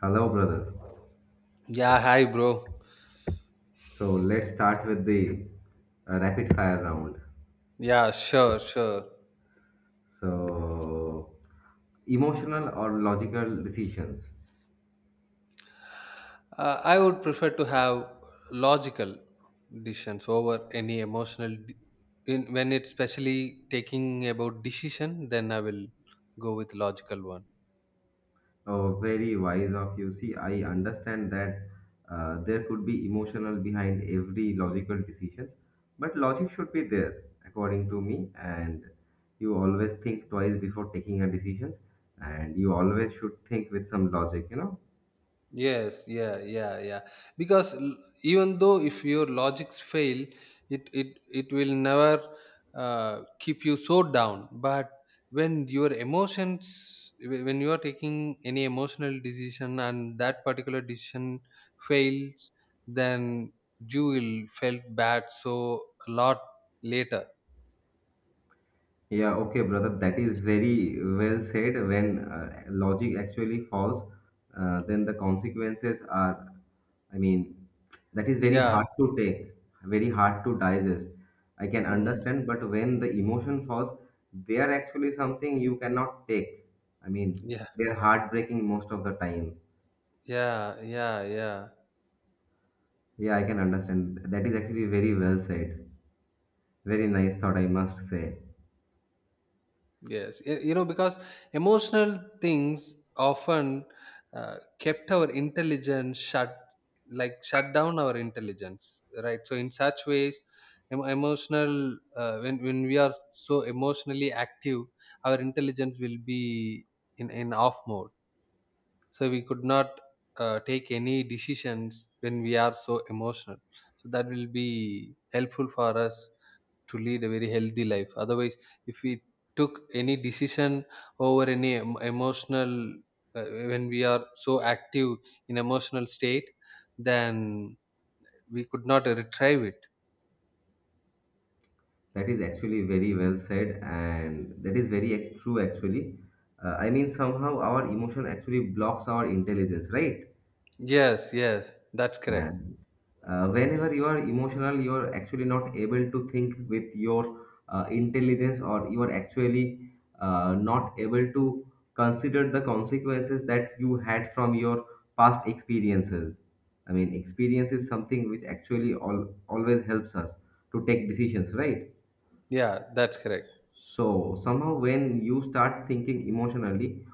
Hello, brother. Yeah, hi, bro. So let's start with the rapid fire round. Yeah, sure, sure. So, emotional or logical decisions? I would prefer to have logical decisions over any emotional. When it's especially taking about decision, then I will go with logical one. Oh, very wise of you. See, I understand that there could be emotional behind every logical decisions, but logic should be there, according to me. And you always think twice before taking a decisions, and you always should think with some logic. Yes, yeah, yeah, yeah. Because even though if your logics fail, it will never keep you so down. But when your when you are taking any emotional decision and that particular decision fails, then you will felt bad so a lot later. Yeah, okay, brother. That is very well said. When logic actually falls, then the consequences are, I mean, that is very Yeah. hard to take, very hard to digest. I can Hmm. understand, but when the emotion falls, they are actually something you cannot take. I mean, Yeah. they are heartbreaking most of the time. Yeah. Yeah. Yeah. Yeah, I can understand. That is actually very well said. Very nice thought, I must say. Yes, you know, because emotional things often kept our intelligence shut, like shut down our intelligence, right? So in such ways, emotional when we are so emotionally active, our intelligence will be in off mode. So we could not take any decisions when we are so emotional. So that will be helpful for us to lead a very healthy life, otherwise if we took any decision over any emotional uh, when we are so active in emotional state, then we could not retrieve it. That is actually very well said, and that is very true actually. I mean, somehow our emotion actually blocks our intelligence, right? Yes, yes, that's correct. And whenever you are emotional, you are actually not able to think with your intelligence, or you are actually not able to consider the consequences that you had from your past experiences. I mean, experience is something which actually always helps us to take decisions, right? Yeah, that's correct. So somehow when you start thinking emotionally,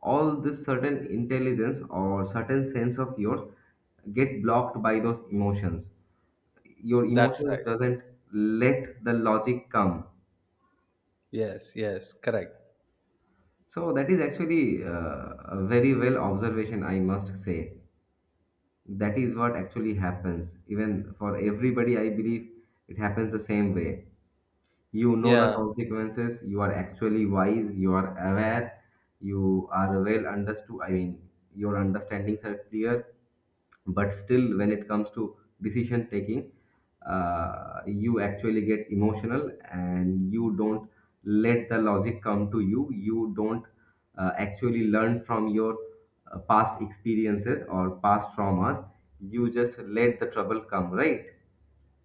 all this certain intelligence or certain sense of yours get blocked by those emotions. Your That's emotions right. doesn't let the logic come. Yes, yes, correct. So that is actually a very well observation, I must say. That is what actually happens. Even for everybody, I believe it happens the same way. You know, the Yeah. consequences, you are actually wise, you are aware, you are well understood. I mean, your understandings are clear, but still when it comes to decision taking, you actually get emotional and you don't let the logic come to you. You don't actually learn from your past experiences or past traumas. You just let the trouble come, right?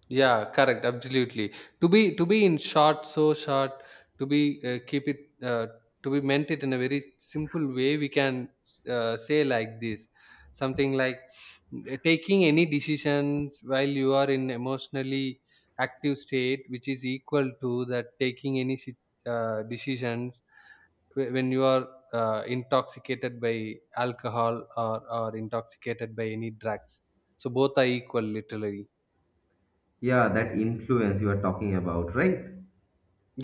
Yeah, correct. Absolutely. To be in short, so short. To be keep it to be meant it in a very simple way. We can say like this, something like taking any decisions while you are in emotionally active state, which is equal to that taking any decisions when you are intoxicated by alcohol or intoxicated by any drugs. So both are equal, literally. Yeah, that influence you are talking about, right?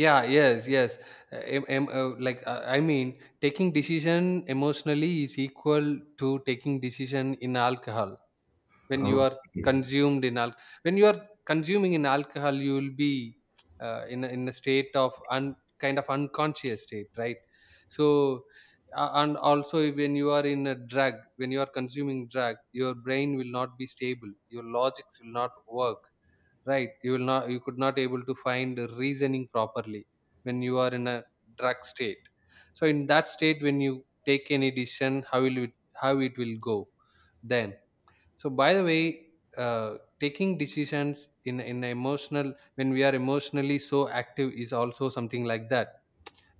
Yeah, yes, yes. I mean, taking decision emotionally is equal to taking decision in alcohol when you are Okay. consumed in al- when you are consuming in alcohol, you will be in a state of kind of unconscious state, right? So and also when you are in a drug, when you are consuming drug, your brain will not be stable, your logics will not work, right? You will not, you could not able to find reasoning properly when you are in a drug state. So in that state when you take any decision, how will it, how it will go then? So by the way, taking decisions in emotional when we are emotionally so active is also something like that.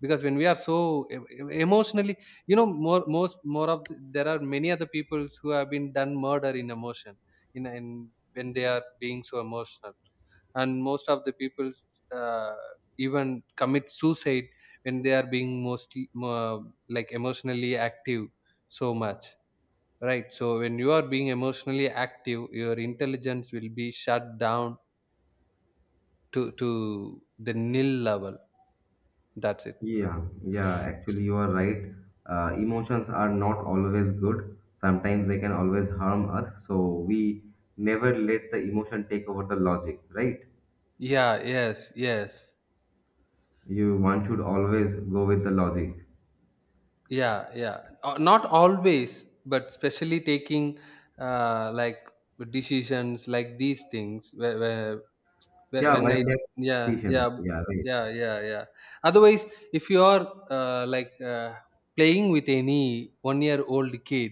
Because when we are so emotionally, you know, more most more of the, there are many other people who have been done murder in emotion in when they are being so emotional. And most of the people uh, even commit suicide when they are being mostly like emotionally active so much, right? So when you are being emotionally active, your intelligence will be shut down to the nil level. That's it. Yeah, yeah, actually, you are right. Emotions are not always good. Sometimes they can always harm us. So we never let the emotion take over the logic, right? Yeah, yes, yes. You one should always go with the logic. Yeah, yeah. Not always, but especially taking like decisions like these things, where- Yeah, when why I that yeah decision? yeah, Yeah, right, yeah, yeah, yeah. Otherwise, if you are uh, like uh, playing with any 1-year-old old kid,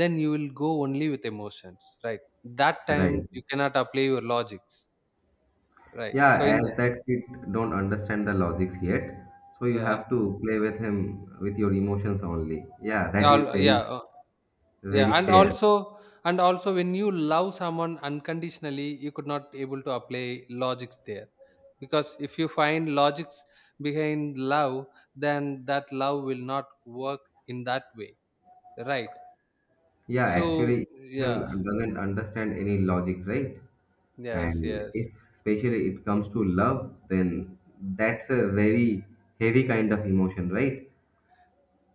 then you will go only with emotions, right? That time right. you cannot apply your logics, right? Yeah, So in the, as that kid don't understand the logics yet, so you yeah, have to play with him with your emotions only. Yeah, that is yeah, yeah very, uh, yeah, very and fair. also, and also when you love someone unconditionally, you could not able to apply logics there. Because if you find logics behind love, then that love will not work in that way. Right. Yeah, So actually, yeah, emotion doesn't understand any logic, right? yes, And yes. if especially it comes to love, then that's a very heavy kind of emotion, right?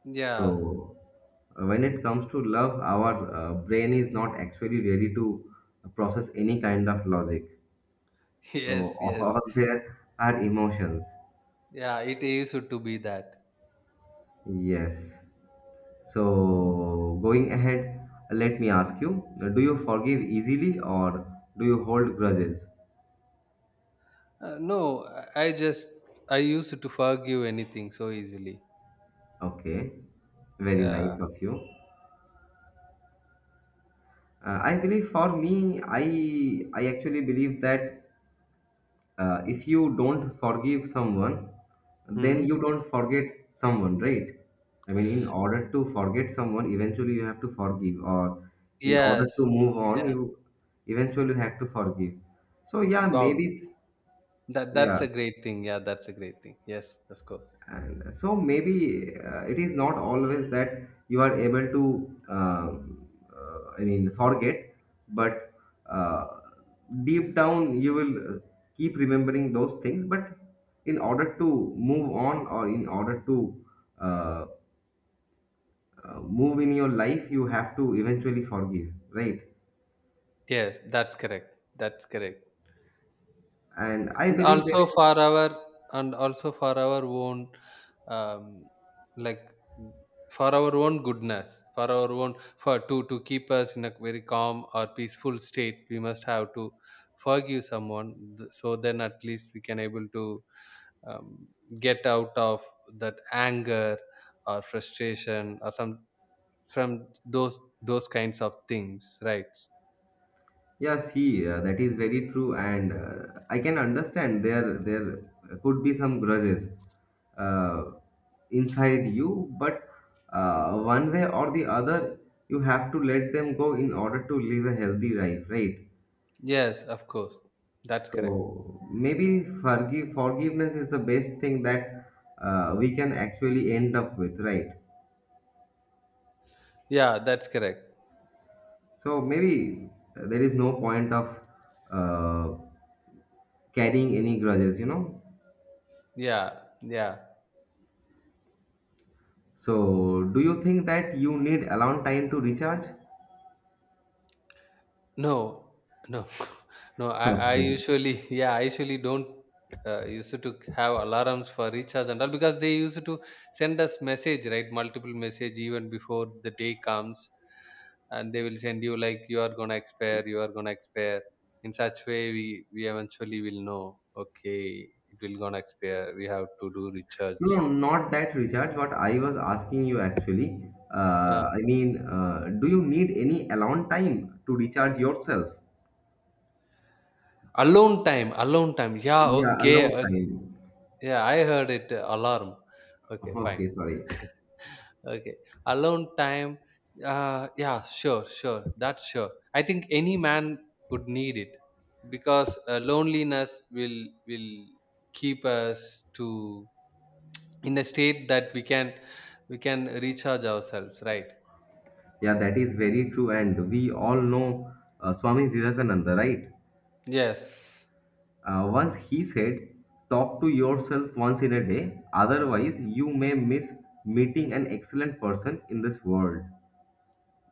Yeah. So when it comes to love, our brain is not actually ready to process any kind of logic. So Yes, of yes. all there are emotions. Yeah, it used to be that. Yes. So going ahead, let me ask you, do you forgive easily or do you hold grudges? No, I just I used to forgive anything so easily. Okay, very Yeah. nice of you. I believe for me, I actually believe that if you don't forgive someone, then Hmm. you don't forget someone, right? I mean, in order to forget someone, eventually you have to forgive, or in order to Yes. move on, Yeah. you eventually have to forgive. So yeah, maybe Wow. That's yeah. a great thing. Yeah, that's a great thing. Yes, of course. And so maybe it is not always that you are able to, I mean, forget, but uh, deep down you will keep remembering those things. But in order to move on or in order to uh, move in your life, you have to eventually forgive, right? Yes, that's correct. That's correct. And I And believe also there is. for our and also for our own, um, like, for our own goodness, for our own, for to keep us in a very calm or peaceful state, we must have to forgive someone so then at least we can able to, um, get out of that anger or frustration or some, from those kinds of things, right? Yeah, see, that is very true, and I can understand there could be some grudges uh, inside you, but one way or the other, you have to let them go in order to live a healthy life, right? Yes, of course, that's correct. So maybe forgiveness is the best thing that we can actually end up with, right? Yeah, that's correct. So maybe there is no point of uh, carrying any grudges. Yeah, yeah. So, do you think that you need alone time to recharge? No, no, no. I Okay. usually, yeah, I usually don't used to have alarms for recharge and all, because they used to send us message, right? Multiple message, even before the day comes, and they will send you like you are gonna expire, you are gonna expire. In such way, we eventually will know. Okay, it will gonna expire. We have to do recharge. No, not that recharge. What I was asking you actually, Yeah, I mean, do you need any alone time to recharge yourself? alone time, alone time. Yeah, Yeah, okay, alone okay. time. Yeah, I heard it alarm. Okay, fine. Okay, sorry. Okay. Alone time. Yeah, sure, sure. That's sure. I think any man would need it because loneliness will keep us to in a state that we can recharge ourselves, right? Yeah, that is very true. And we all know Swami Vivekananda, right? Yes. Once he said, talk to yourself once in a day, otherwise, you may miss meeting an excellent person in this world.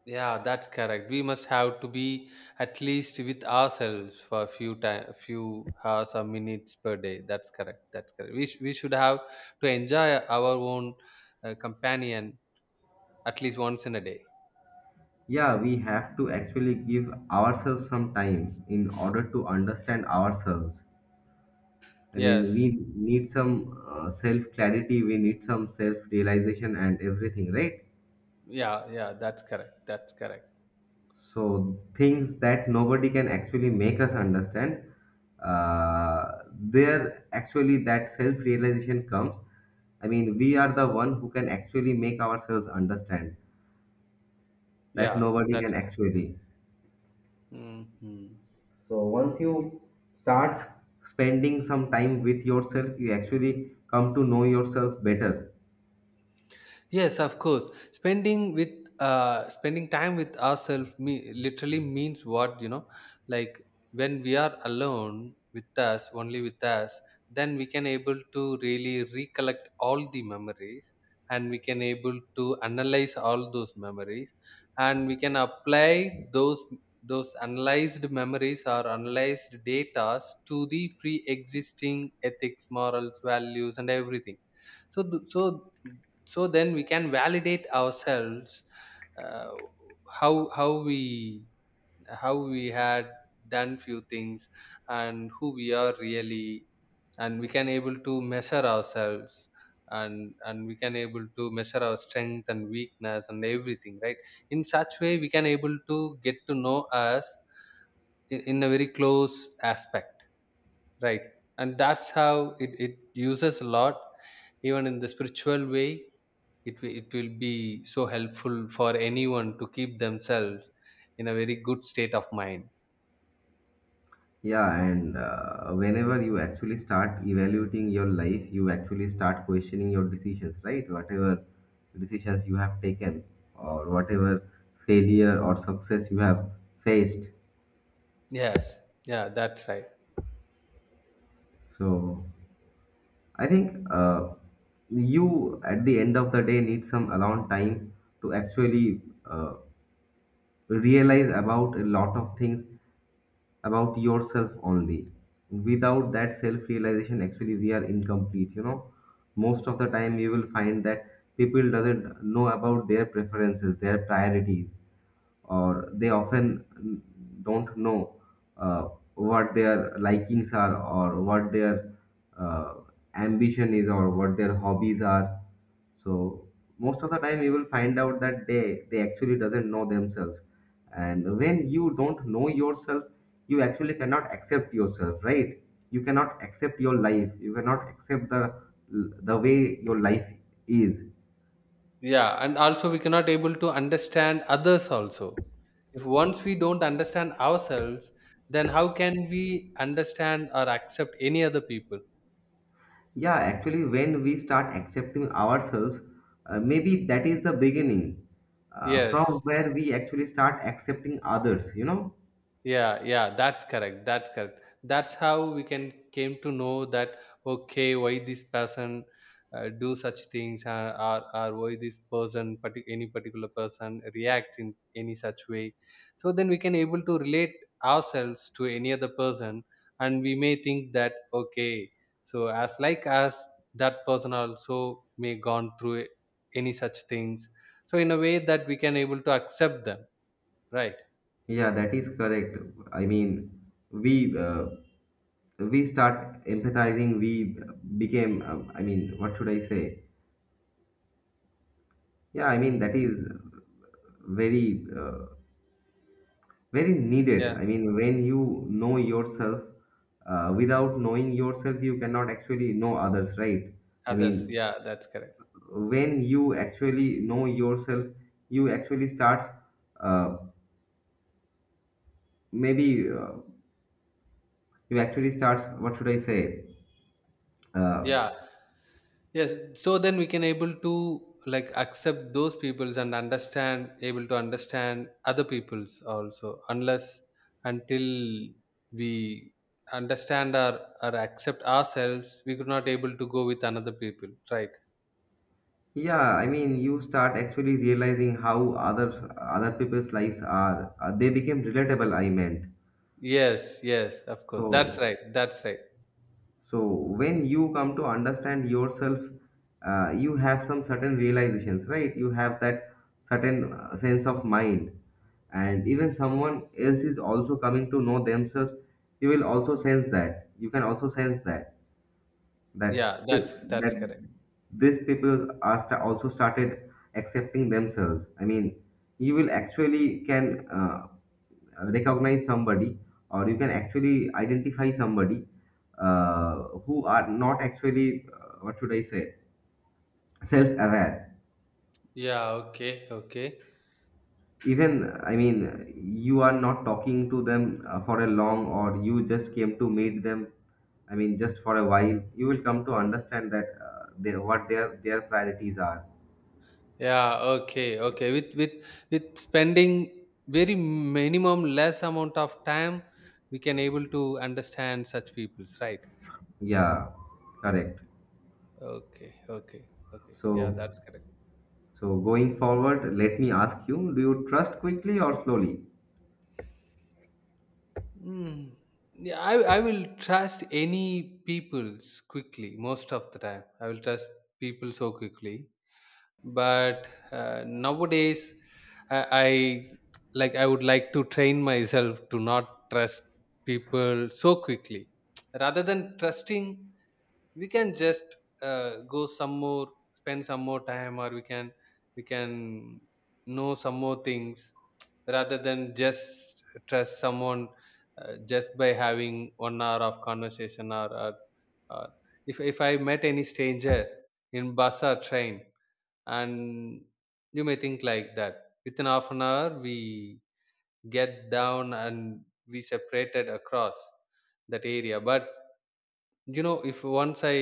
Yeah, that's correct. We must have to be at least with ourselves for a few time, a few hours or minutes per day. That's correct. That's correct. We should have to enjoy our own companion at least once in a day. Yeah, we have to actually give ourselves some time in order to understand ourselves. I mean, Yes. we need some self clarity, we need some self realization, and everything, right? Yeah, yeah, that's correct. That's correct. So, things that nobody can actually make us understand, uh, there actually that self realization comes. I mean, we are the one who can actually make ourselves understand that Yeah, nobody that's can correct. actually. Hmm. So once you start spending some time with yourself, you actually come to know yourself better. Yes, of course. Spending with spending time with ourselves literally means what, you know. Like when we are alone with us, only with us, then we can able to really recollect all the memories, and we can able to analyze all those memories, and we can apply those analyzed memories or analyzed data to the pre-existing ethics, morals, values, and everything, so th- so so then we can validate ourselves, uh, how how we how we had done few things, and who we are really, and we can able to measure ourselves, and we can able to measure our strength and weakness and everything, right? In such way we can able to get to know us in a very close aspect, right. And that's how it, it uses a lot, even in the spiritual way. It, it will be so helpful for anyone to keep themselves in a very good state of mind. Yeah, and whenever you actually start evaluating your life, you actually start questioning your decisions, right? Whatever decisions you have taken, or whatever failure or success you have faced. Yes. Yeah, that's right. So I think you, at the end of the day, need some alone time to actually realize about a lot of things about yourself only. Without that self realization, actually, we are incomplete. You know, most of the time you will find that people doesn't know about their preferences, their priorities, or they often don't know uh, what their likings are or what their uh, ambition is or what their hobbies are. So most of the time you will find out that they actually doesn't know themselves, and when you don't know yourself, you actually cannot accept yourself, right? You cannot accept your life, you cannot accept the way your life is. Yeah, and also we cannot able to understand others also. If once we don't understand ourselves, then how can we understand or accept any other people? Yeah, actually, when we start accepting ourselves, maybe that is the beginning from Yes. where we actually start accepting others, you know? Yeah, yeah, that's correct, that's correct. That's how we can came to know that, okay, why this person do such things, or why this person any particular person reacts in any such way. So then we can able to relate ourselves to any other person, and we may think that, okay, so as like as that person also may gone through any such things. So in a way that we can able to accept them, right. Yeah, that is correct. I mean, we uh, we start empathizing. We became, I mean, what should I say? Yeah, I mean Hmm. that is very uh, very needed. I mean, when you know yourself, without knowing yourself, you cannot actually know others, right? I Others, mean, yeah, that's correct. when you actually know yourself, you actually starts uh, maybe you actually starts, what should I say, uh, Yeah, yes. So then we can able to like accept those peoples and understand, able to understand other peoples also, unless until we understand or accept ourselves, we could not able to go with another people, right. yeah, I mean, you start actually realizing how other people's lives are, they became relatable, I meant. Yes, yes, of course, that's So, right, that's right. so when you come to understand yourself, you have some certain realizations, right? You have that certain sense of mind, and even someone else is also coming to know themselves, you will also sense that, you can also sense that that Yeah, pe- that's that correct. these people are also started accepting themselves, I mean, you will actually can recognize somebody, or you can actually identify somebody, uh, who are not actually, what should I say, self-aware. Yeah, okay, okay. Even, I mean, you are not talking to them for a long, or you just came to meet them, I mean, just for a while you will come to understand that, they, what their priorities are. Yeah, okay, okay. With spending very minimum less amount of time, we can able to understand such people's, right. Yeah, correct. Okay, okay, okay. Yeah, So, that's correct. Going forward, let me ask you, do you trust quickly or slowly? Mm. Yeah, I will trust any people's quickly most of the time. I will trust people so quickly, but nowadays I like, I would like to train myself to not trust people so quickly. Rather than trusting, we can just go some more, spend some more time, or we can know some more things rather than just trust someone just by having 1 hour of conversation, or if I met any stranger in bus or train, and you may think like that within half an hour we get down and we separated across that area. But you know, if once I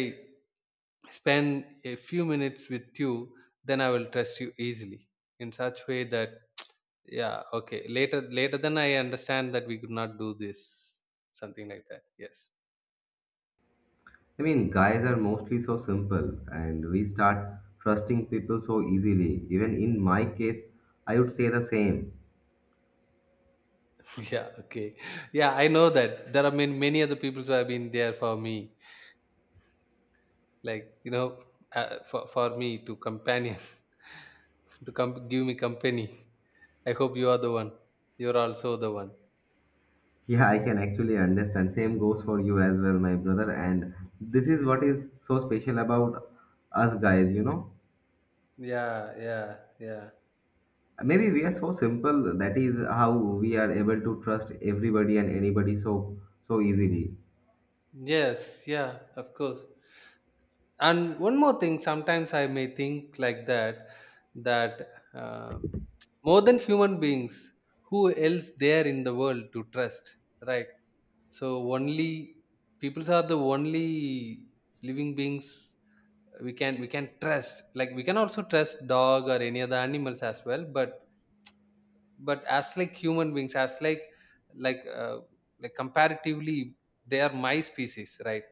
spend a few minutes with you, then I will trust you easily. In such way that yeah, okay, later, later then I understand that we could not do this, something like that. Yes. I mean, guys are mostly so simple and we start trusting people so easily. Even in my case, I would say the same. Yeah, okay. Yeah, I know that there are many other people who have been there for me, like, you know, for me to companion to come give me company. I hope you are the one, you're also the one. Yeah, I can actually understand. Same goes for you as well, my brother. And this is what is so special about us guys. Yeah, yeah, yeah. Maybe we are so simple, that is how we are able to trust everybody and anybody so easily. Yes. Yeah, of course. And one more thing, sometimes I may think like that, that, um, more than human beings, who else there in the world to trust, right? So only peoples are the only living beings we can trust. Like we can also trust dog or any other animals as well, but as like human beings, as like, like uh, like comparatively, they are my species, right?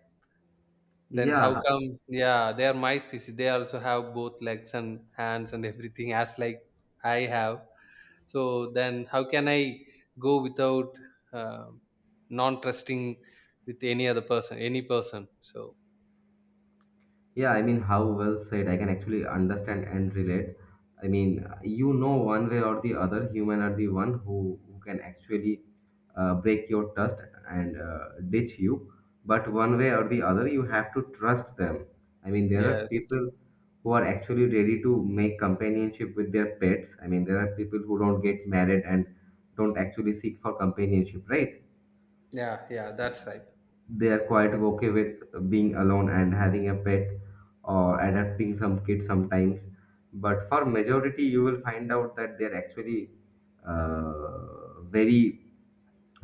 Then how Yeah, come, yeah, they are my species, they also have both legs and hands and everything as like I have. So then how can I go without uh, non trusting with any other person, any person? So yeah, I mean, how well said. I can actually understand and relate. I mean, you know, one way or the other, human are the one who can actually break your trust and ditch you. But one way or the other, you have to trust them. I mean, there are yes. people who are actually ready to make companionship with their pets. I mean, there are people who don't get married and don't actually seek for companionship, right? Yeah, that's right. They are quite okay with being alone and having a pet, or adopting some kids sometimes, but for majority you will find out that they're actually very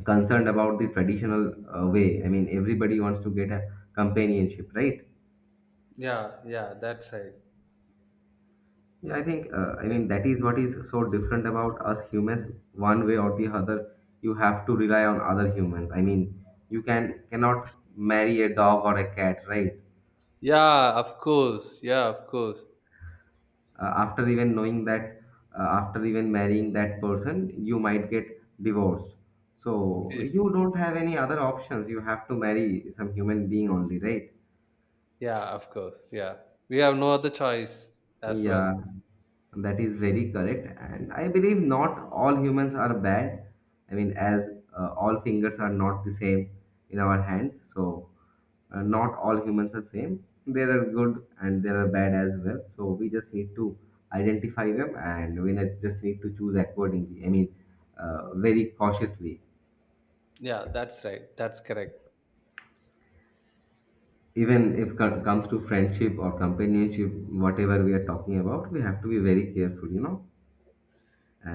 concerned about the traditional way. I mean, everybody wants to get a companionship, right? Yeah, that's right. Yeah, I think I Yeah. mean that is what is so different about us humans. One way or the other, you have to rely on other humans. I mean, you cannot marry a dog or a cat, right? Yeah, of course. Yeah, of course. After even knowing that, after even marrying that person you might get divorced, so Yes. you don't have any other options, you have to marry some human being only, right? Yeah, of course. Yeah. We have no other choice as well. Yeah, that is very correct. And I believe not all humans are bad. I mean, as all fingers are not the same in our hands. So, not all humans are same. There are good and there are bad as well. So, we just need to identify them and just need to choose accordingly. I mean, very cautiously. Yeah, that's right. That's correct. Even if it comes to friendship or companionship, whatever we are talking about, we have to be very careful, you know.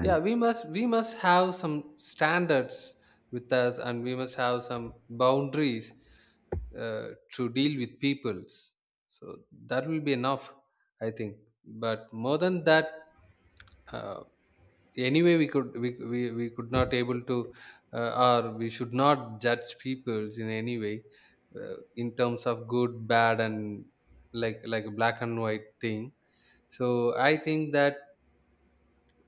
Yeah, we must have some standards with us, and we must have some boundaries uh, to deal with peoples. So that will be enough, I think. But more than that, uh, anyway we could not able to, uh, or we should not judge peoples in any way, in terms of good bad and like a black and white thing. So I think that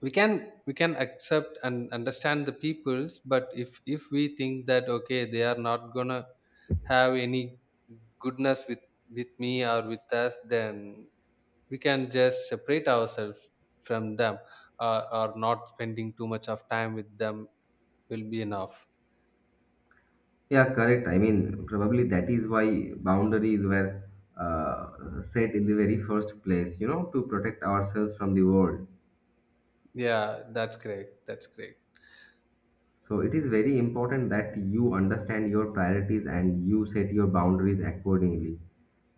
we can accept and understand the peoples, but if we think that okay, they are not gonna have any goodness with me or with us, then we can just separate ourselves from them, or not spending too much of time with them will be enough. Yeah, correct. I mean, probably that is why boundaries were set in the very first place, you know, to protect ourselves from the world. Yeah, that's great, that's great. So it is very important that you understand your priorities and you set your boundaries accordingly.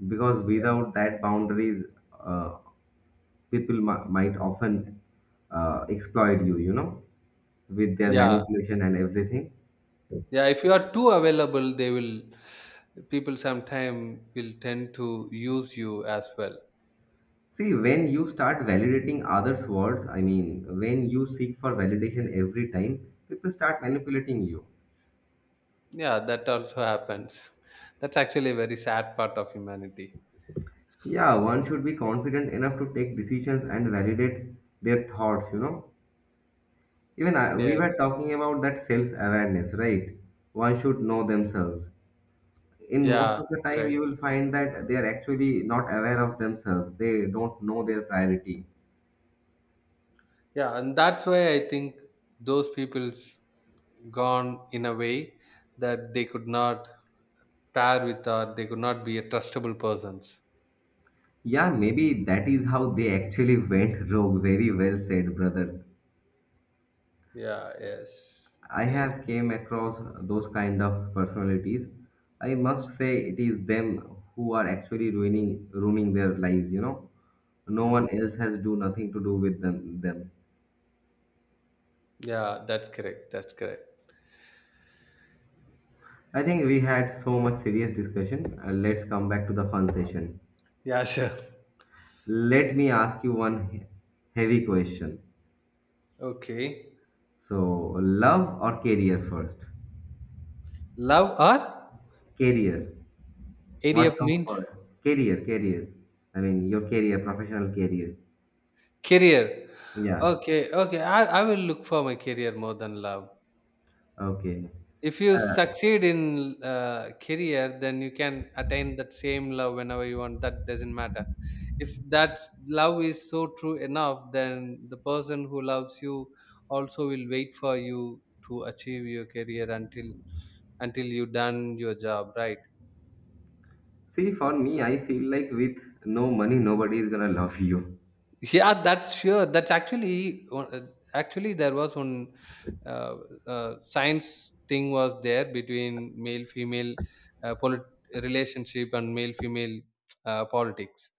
Because without that boundaries, uh, might often exploit you, you know, with their Yeah. manipulation and everything. Yeah, if you are too available, they will, people sometime will tend to use you as well. See, when you start validating others' words, I mean, when you seek for validation every time, people start manipulating you. Yeah, that also happens. That's actually a very sad part of humanity. Yeah, one should be confident enough to take decisions and validate their thoughts, you know. Even I, we were Yes. talking about that self awareness, right? One should know themselves. In most Yeah, of the time, you correct. will find that they are actually not aware of themselves, they don't know their priority. Yeah, and that's why I think those people's gone in a way that they could not pair with, or they could not be a trustable persons. Yeah, maybe that is how they actually went rogue. Very well said, brother. Yeah, yes. I Yes. have came across those kind of personalities. I must say it is them who are actually ruining their lives, you know. No one Mm. else has do nothing to do with them. Yeah, that's correct, that's correct. I think we had so much serious discussion. Let's come back to the fun session. Yeah, sure. Let me ask you one heavy question. Okay. So, love or career first? Love or, Career. adf What comes means, first? Career, career. I mean, your career, professional career. career? Yeah. Okay, okay. I will look for my career more than love. Okay. If you succeed in career, then you can attain that same love whenever you want. That doesn't matter. If that love is so true enough, then the person who loves you also will wait for you to achieve your career until you done your job, right? See, for me, I feel like with no money, nobody is gonna love you. Yeah, that's sure. That's actually actually there was one, uh, science thing was there between male female, uh, polit- relationship and male female, politics.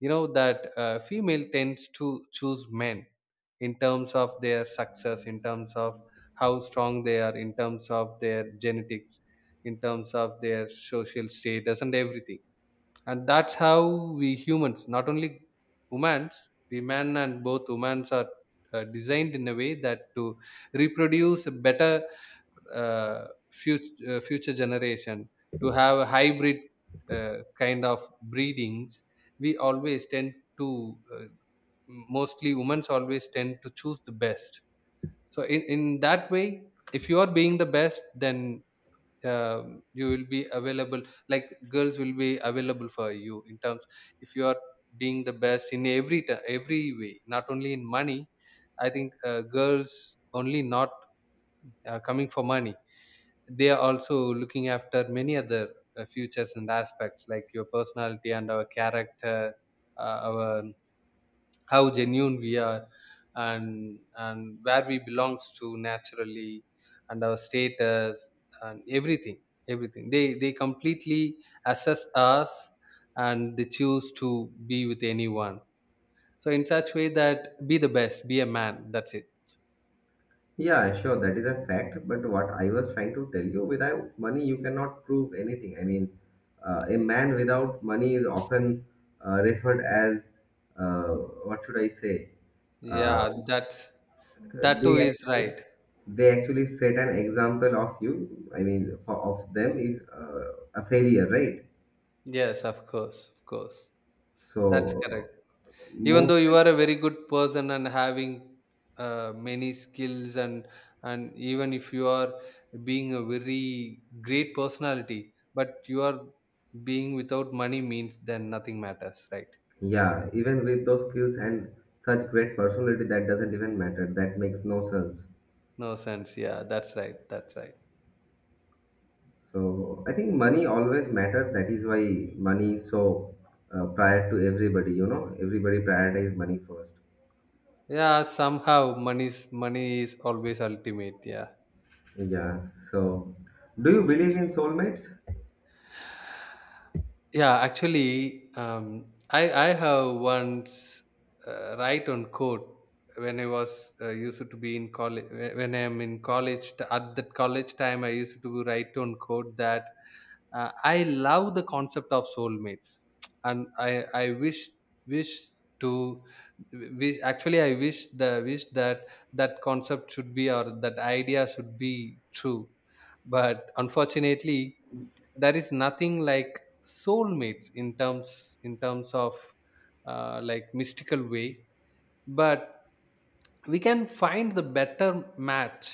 You know that female tends to choose men in terms of their success, in terms of how strong they are, in terms of their genetics, in terms of their social status and everything. And that's how we humans, not only humans, we men and both humans are, designed in a way that to reproduce a better, future, future generation, to have a hybrid, kind of breedings. We always tend to mostly humans always tend to choose the best. So in that way, if you are being the best, then you will be available, like girls will be available for you in terms, if you are being the best in every every way, not only in money. I think girls only not, coming for money. They are also looking after many other, futures and aspects like your personality and our character, our, how genuine we are, and where we belongs to naturally, and our status and everything. Everything they completely assess us, and they choose to be with anyone. So in such way, that be the best, be a man, that's it. Yeah, sure, that is a fact. But what I was trying to tell you, without money, you cannot prove anything. I mean, a man without money is often referred as uh, what should I say? Uh, Yeah, that, that too they is actually right. they actually set an example of you. I mean, for of them, if, a failure, right? Yes, of course, of course. That's So correct. Even most. though you are a very good person and having, many skills and even if you are being a very great personality, but you are being without money means, then nothing matters, right? Yeah, even with those skills and such great personality, that doesn't even matter. That makes no sense. No sense, yeah, that's right, that's right. So I think money always matters. That is why money is so prior to everybody. You know, everybody prioritize money first. Yeah, somehow money is always ultimate. Yeah. Yeah. So, do you believe in soulmates? Yeah, actually, I have once, write on code when I was, used to be in college. When I am in college, at that college time, I used to write on code that, I love the concept of soulmates. And I wish wish to wish actually I wish the wish that that concept should be, or that idea should be true. But unfortunately, there is nothing like soulmates in terms of, like mystical way. But we can find the better match,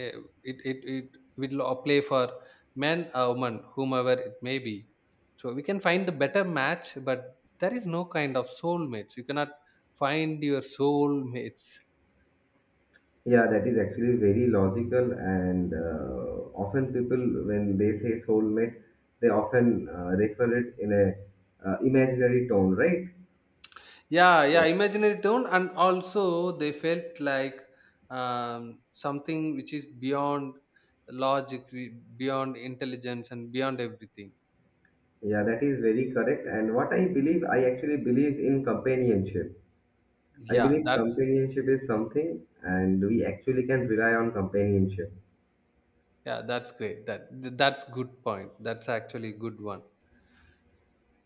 eh, it will apply for man or woman, whomever it may be. So we can find the better match, but there is no kind of soulmates, you cannot find your soulmates. Yeah, that is actually very logical, and often people, when they say soulmate, they often refer it in a imaginary tone, right? Yeah, yeah, imaginary tone, and also they felt like, something which is beyond logic, beyond intelligence and beyond everything. Yeah, that is very correct. And what I believe, I actually believe in companionship. I Yeah, believe that's, companionship is something, and we actually can rely on companionship. yeah, that's great, that that's good point, that's actually good one.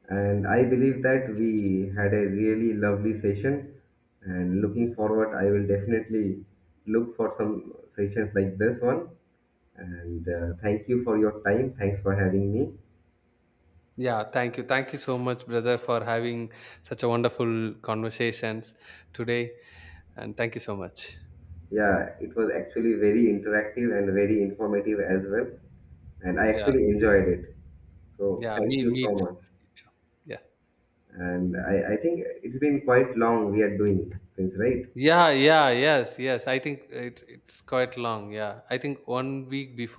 And I believe that we had a really lovely session. And looking forward, I will definitely look for some sessions like this one. And thank you for your time. Thanks for having me. Yeah, thank you. Thank you so much, brother, for having such a wonderful conversations today. And thank you so much. Yeah, it was actually very interactive and very informative as well. And I Yeah, actually enjoyed it. So yeah, thank you me so much. too. Me too. Yeah, And I think it's been quite long we are doing since, right? yeah, yeah, yes, yes. I think it's quite long. Yeah, I think one week before.